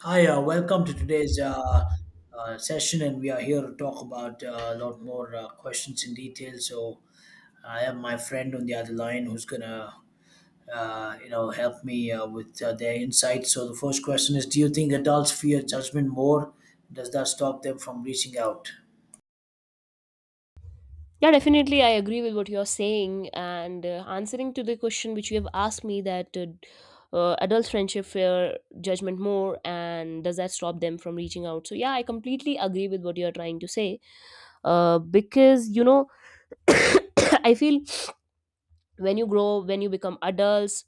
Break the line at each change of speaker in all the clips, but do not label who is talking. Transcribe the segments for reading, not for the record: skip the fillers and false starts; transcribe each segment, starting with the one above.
Hi, welcome to today's session, and we are here to talk about a lot more questions in detail. So I have my friend on the other line who's gonna help me with their insights. So the first question is: Do you think adults fear judgment more? Does that stop them from reaching out?
Yeah, definitely. I agree with what you're saying. And answering to the question which you have asked me that adult friendship fear judgment more and does that stop them from reaching out? So, yeah, I completely agree with what you're trying to say. Because, you know, I feel when you grow, when you become adults,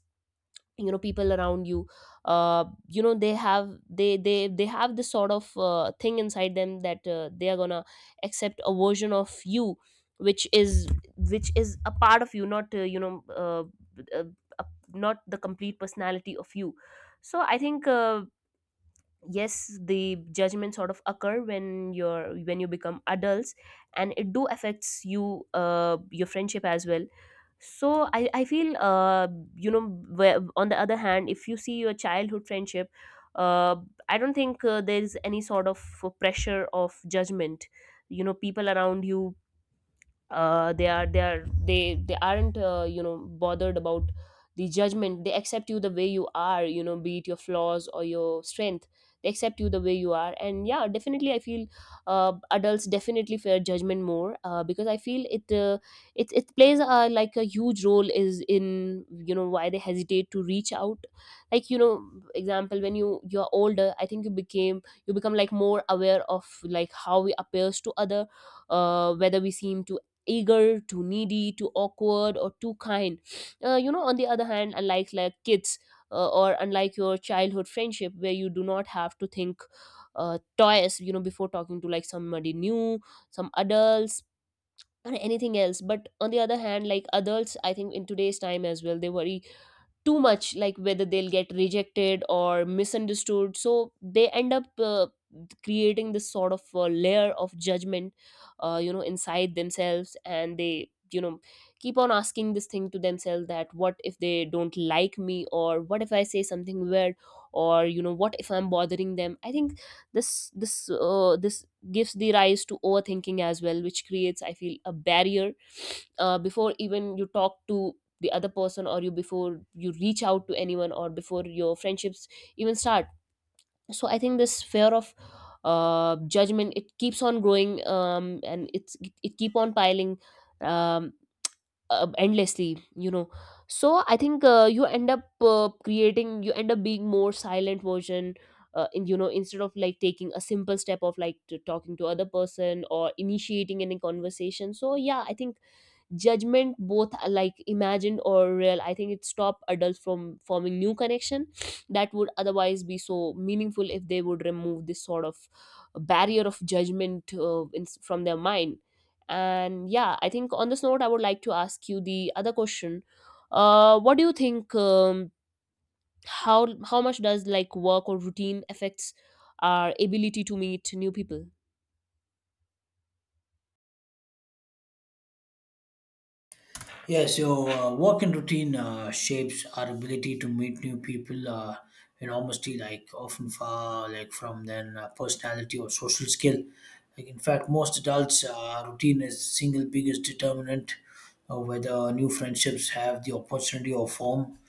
you know people around you uh, you know, they have this sort of thing inside them that they are gonna accept a version of you which is which is a part of you, not uh, uh, not the complete personality of you. So I think yes, the judgment sort of occur when you're when you become adults, and it do affects you your friendship as well. So I feel you know, where, on the other hand, if you see your childhood friendship, uh, I don't think there is any sort of pressure of judgment. You know, people around you, uh, they they aren't you know, bothered about the judgment. They accept you the way you are, you know, be it your flaws or your strength. They accept you the way you are. And yeah, definitely, I feel adults definitely fear judgment more because I feel it , it it plays like a huge role is in, you know, why they hesitate to reach out. Like, you know, example, when you're older, I think you became you become like more aware of like how we appears to other, whether we seem to eager, too needy, too awkward, or too kind. You know, on the other hand, unlike like kids, or unlike your childhood friendship, where you do not have to think twice, you know, before talking to like somebody new, some adults, or anything else. But on the other hand, like adults, I think in today's time as well, they worry too much, like whether they'll get rejected or misunderstood, so they end up creating this sort of layer of judgment you know, inside themselves, and they, you know, keep on asking this thing to themselves that what if they don't like me, or what if I say something weird, or you know, what if I'm bothering them. I think this gives the rise to overthinking as well, which creates, I feel, a barrier before even you talk to the other person, or you before you reach out to anyone, or before your friendships even start. So I think this fear of judgment, it keeps on growing, and it keep on piling, um, endlessly, you know. So I think you end up being more silent version you know, instead of like taking a simple step of like to talking to other person or initiating any conversation. So yeah, I think judgment, both like imagined or real, I think it stopped adults from forming new connection that would otherwise be so meaningful if they would remove this sort of barrier of judgment from their mind. And yeah, I think on this note I would like to ask you the other question. What do you think, how much does like work or routine affects our ability to meet new people?
Yes, so work and routine shapes our ability to meet new people, and like often far like from their personality or social skill. Like in fact, most adults' routine is the single biggest determinant of whether new friendships have the opportunity or form.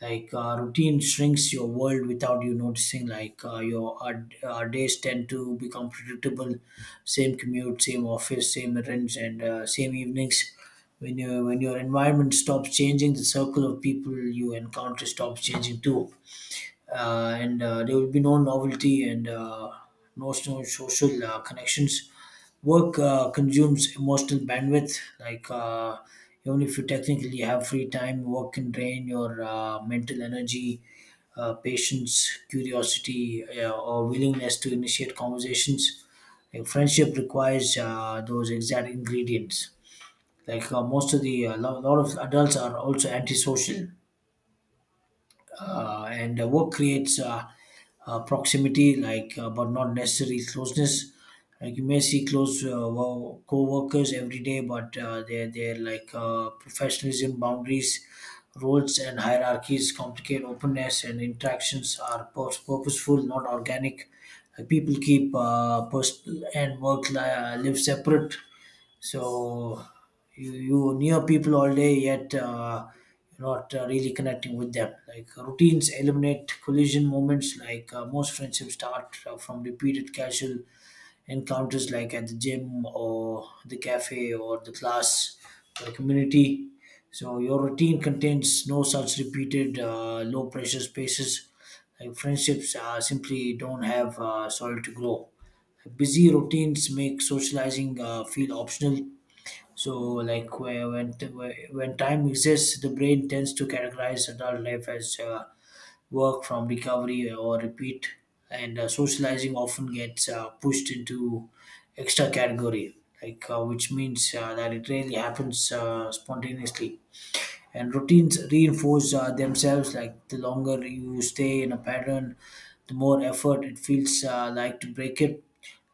Like routine shrinks your world without you noticing. Like our days tend to become predictable: same commute, same office, same errands, and same evenings. When your environment stops changing, the circle of people you encounter stops changing too, and there will be no novelty and no social connections. Work consumes emotional bandwidth. Like, even if you technically have free time, work can drain your mental energy, patience, curiosity, or willingness to initiate conversations. Like friendship requires those exact ingredients. Like, most of the a lot of adults are also antisocial, and work creates proximity, like, but not necessarily closeness. Like you may see close co-workers every day, but they're like, professionalism, boundaries, roles and hierarchies complicate openness, and interactions are purposeful, not organic. Like, people keep personal and work live separate, so you near people all day, yet you're not really connecting with them. Like routines eliminate collision moments. Like most friendships start from repeated casual encounters, like at the gym or the cafe or the class or community. So your routine contains no such repeated low pressure spaces. Like friendships simply don't have soil to grow. Busy routines make socializing feel optional, so, like when time exists, the brain tends to categorize adult life as work from recovery or repeat, and socializing often gets pushed into extra category, like, which means that it rarely happens spontaneously. And routines reinforce themselves. Like the longer you stay in a pattern, the more effort it feels like to break it.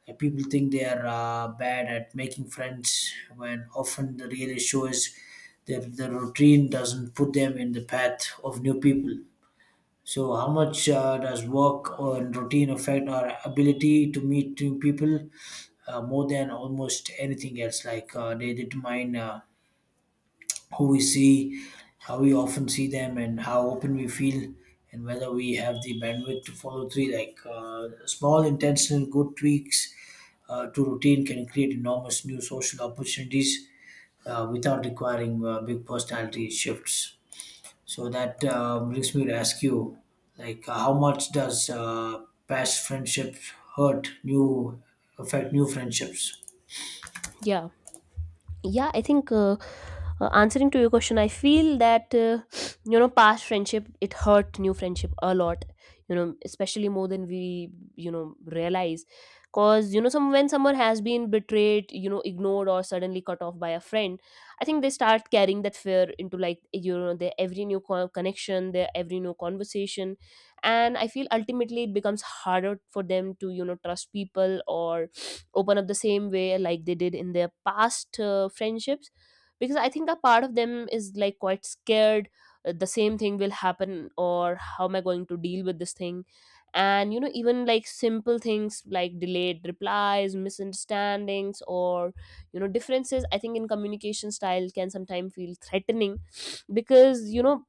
People think they are bad at making friends when often the real issue is that the routine doesn't put them in the path of new people. So, how much does work and routine affect our ability to meet new people? More than almost anything else. Like they determine who we see, how we often see them, and how open we feel, and whether we have the bandwidth to follow through. Like small, intentional, good tweaks to routine can create enormous new social opportunities without requiring big personality shifts. So that brings me to ask you, like, how much does past friendship hurt new affect new friendships?
Yeah, yeah, I think answering to your question, I feel that you know, past friendship, it hurt new friendship a lot, you know, especially more than we, you know, realize. Cause you know, some when someone has been betrayed, you know, ignored, or suddenly cut off by a friend, I think they start carrying that fear into, like, you know, their every new connection, their every new conversation. And I feel ultimately it becomes harder for them to, you know, trust people or open up the same way like they did in their past friendships, because I think a part of them is like quite scared. The same thing will happen, or how am I going to deal with this thing. And you know, even like simple things like delayed replies, misunderstandings, or you know, differences I think in communication style can sometimes feel threatening, because you know,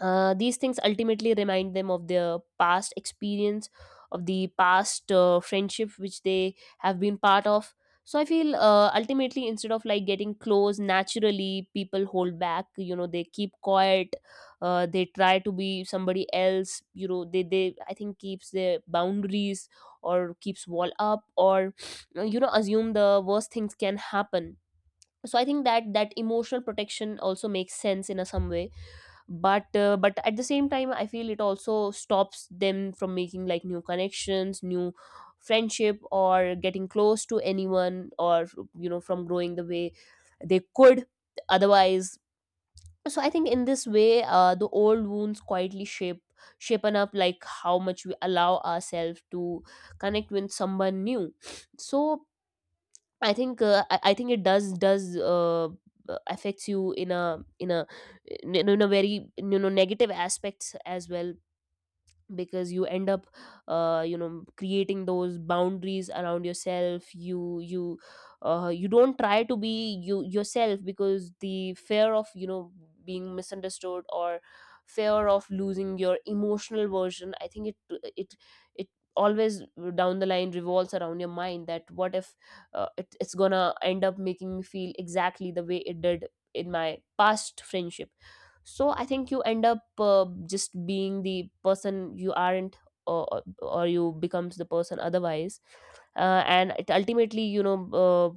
these things ultimately remind them of their past experience, of the past friendship which they have been part of. So I feel ultimately, instead of like getting close naturally, people hold back. You know, they keep quiet. They try to be somebody else. You know, they I think keeps their boundaries or keeps wall up, or you know, assume the worst things can happen. So I think that that emotional protection also makes sense in a some way, but at the same time, I feel it also stops them from making like new connections, new friendship, or getting close to anyone, or you know, from growing the way they could otherwise. So I think in this way the old wounds quietly shape shapen up like how much we allow ourselves to connect with someone new. So I think I think it does affects you in a in a very, you know, negative aspects as well, because you end up you know, creating those boundaries around yourself. You you don't try to be you yourself, because the fear of, you know, being misunderstood or fear of losing your emotional version, I think it it always down the line revolves around your mind that what if it's gonna end up making me feel exactly the way it did in my past friendship. So I think you end up just being the person you aren't, or you becomes the person otherwise. And it ultimately, you know,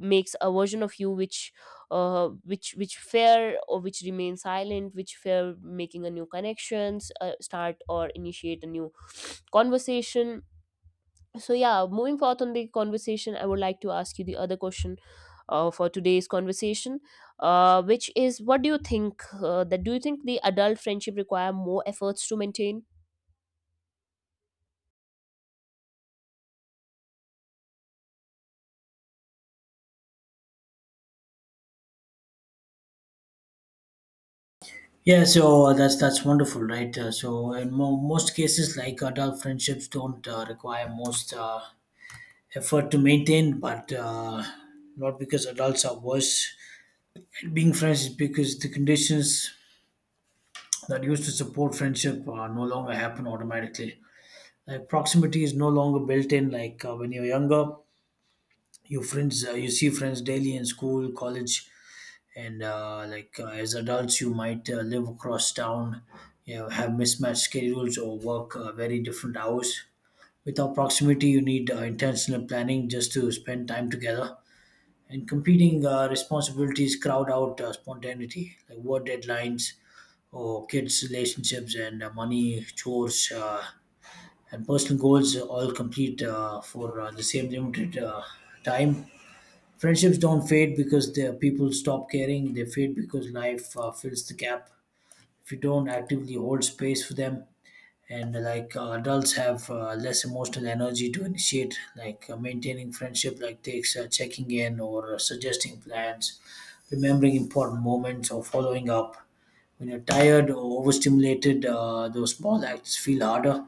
makes a version of you which which fear, or which remains silent, which fear making a new connections, start or initiate a new conversation. So yeah, moving forth on the conversation, I would like to ask you the other question for today's conversation, which is, what do you think that do you think the adult friendship require more efforts to maintain?
Yeah, so that's wonderful, right? So in most cases, like adult friendships don't require most effort to maintain, but not because adults are worse at being friends. It's because the conditions that used to support friendship no longer happen automatically. Like proximity is no longer built in. Like when you're younger, you see friends daily in school, college, and like as adults you might live across town. You know, have mismatched schedules or work very different hours. Without proximity you need intentional planning just to spend time together, and competing responsibilities crowd out spontaneity, like work deadlines or kids, relationships and money, chores, and personal goals all complete for the same limited time. Friendships don't fade because the people stop caring. They fade because life fills the gap, if you don't actively hold space for them. And like adults have less emotional energy to initiate. Like maintaining friendship, like, takes checking in or suggesting plans, remembering important moments, or following up. When you're tired or overstimulated, those small acts feel harder,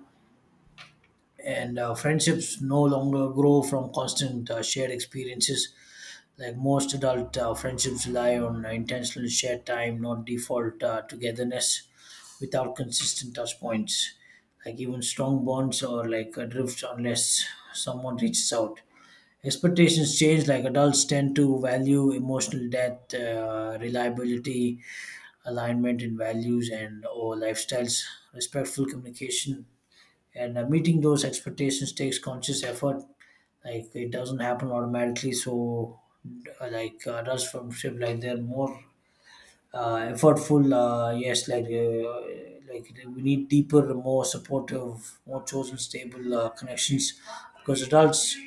and friendships no longer grow from constant shared experiences. Like most adult friendships rely on intentional shared time, not default togetherness, without consistent touch points. Like even strong bonds or like drifts, unless someone reaches out. Expectations change, like adults tend to value emotional depth, reliability, alignment in values and or lifestyles, respectful communication, and meeting those expectations takes conscious effort. Like it doesn't happen automatically, so like rush from ship, like they're more effortful, yes. Like like we need deeper, more supportive, more chosen, stable connections, because adults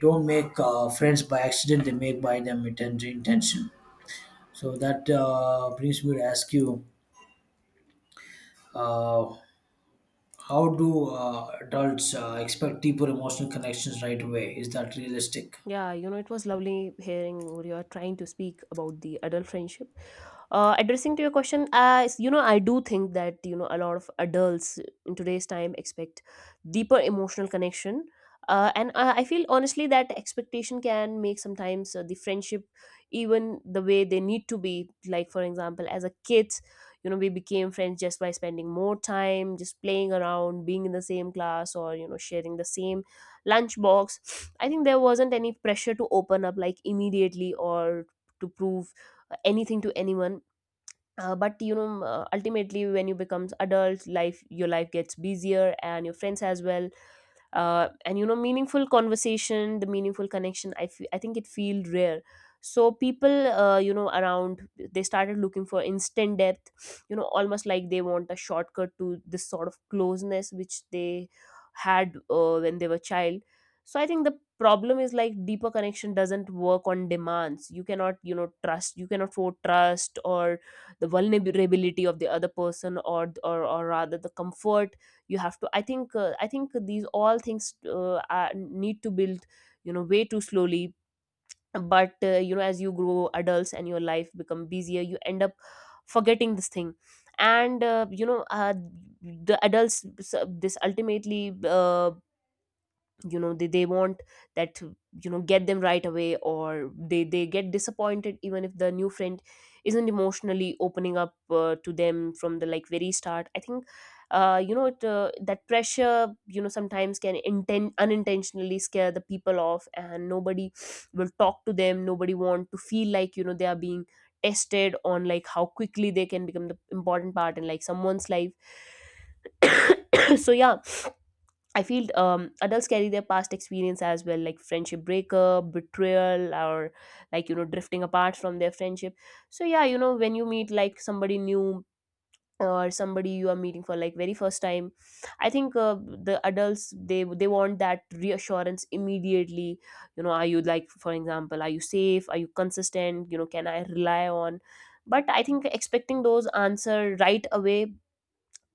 don't make friends by accident. They make by them intention. So that brings me to ask you, uh, how do adults expect deeper emotional connections right away? Is that realistic?
Yeah, you know, it was lovely hearing what you are trying to speak about the adult friendship. Addressing to your question, you know, I do think that, you know, a lot of adults in today's time expect deeper emotional connection. And I feel honestly that expectation can make sometimes the friendship even the way they need to be. Like, for example, as a kids, you know, we became friends just by spending more time, just playing around, being in the same class, or, you know, sharing the same lunchbox. I think there wasn't any pressure to open up like immediately or to prove anything to anyone. But you know, ultimately, when you become adult life, your life gets busier and your friends as well. And you know, meaningful conversation, the meaningful connection, I feel, I think it feel rare. So people you know, around, they started looking for instant depth, you know, almost like they want a shortcut to this sort of closeness which they had when they were child. So I think the problem is, like, deeper connection doesn't work on demands. You cannot, you know, trust, you cannot for trust, or the vulnerability of the other person, or rather the comfort you have to, I think I think these all things need to build, you know, way too slowly. But you know, as you grow adults and your life become busier, you end up forgetting this thing. And the adults, so this ultimately, you know, they want that to, you know, get them right away, or they get disappointed even if the new friend isn't emotionally opening up to them from the like very start. I think you know, that pressure, you know, sometimes can unintentionally scare the people off, and nobody will talk to them. Nobody want to feel like, you know, they are being tested on like how quickly they can become the important part in like someone's life. So yeah, I feel adults carry their past experience as well, like friendship breakup, betrayal, or like you know, drifting apart from their friendship. So yeah, you know, when you meet like somebody new, or somebody you are meeting for like very first time, I think the adults, they want that reassurance immediately. You know, are you, like, for example, are you safe? Are you consistent? You know, can I rely on? But I think expecting those answer right away,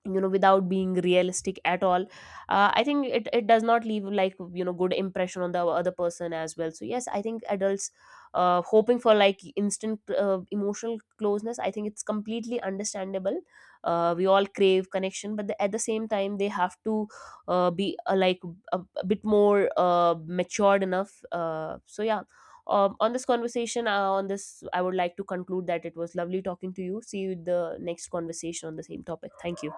you know, without being realistic at all, I think it does not leave like, you know, good impression on the other person as well. So yes, I think adults hoping for like instant emotional closeness, I think it's completely understandable. We all crave connection, but the, at the same time they have to be like a bit more matured enough. So yeah, on this conversation, on this I would like to conclude that it was lovely talking to you. See you in the next conversation on the same topic. Thank you.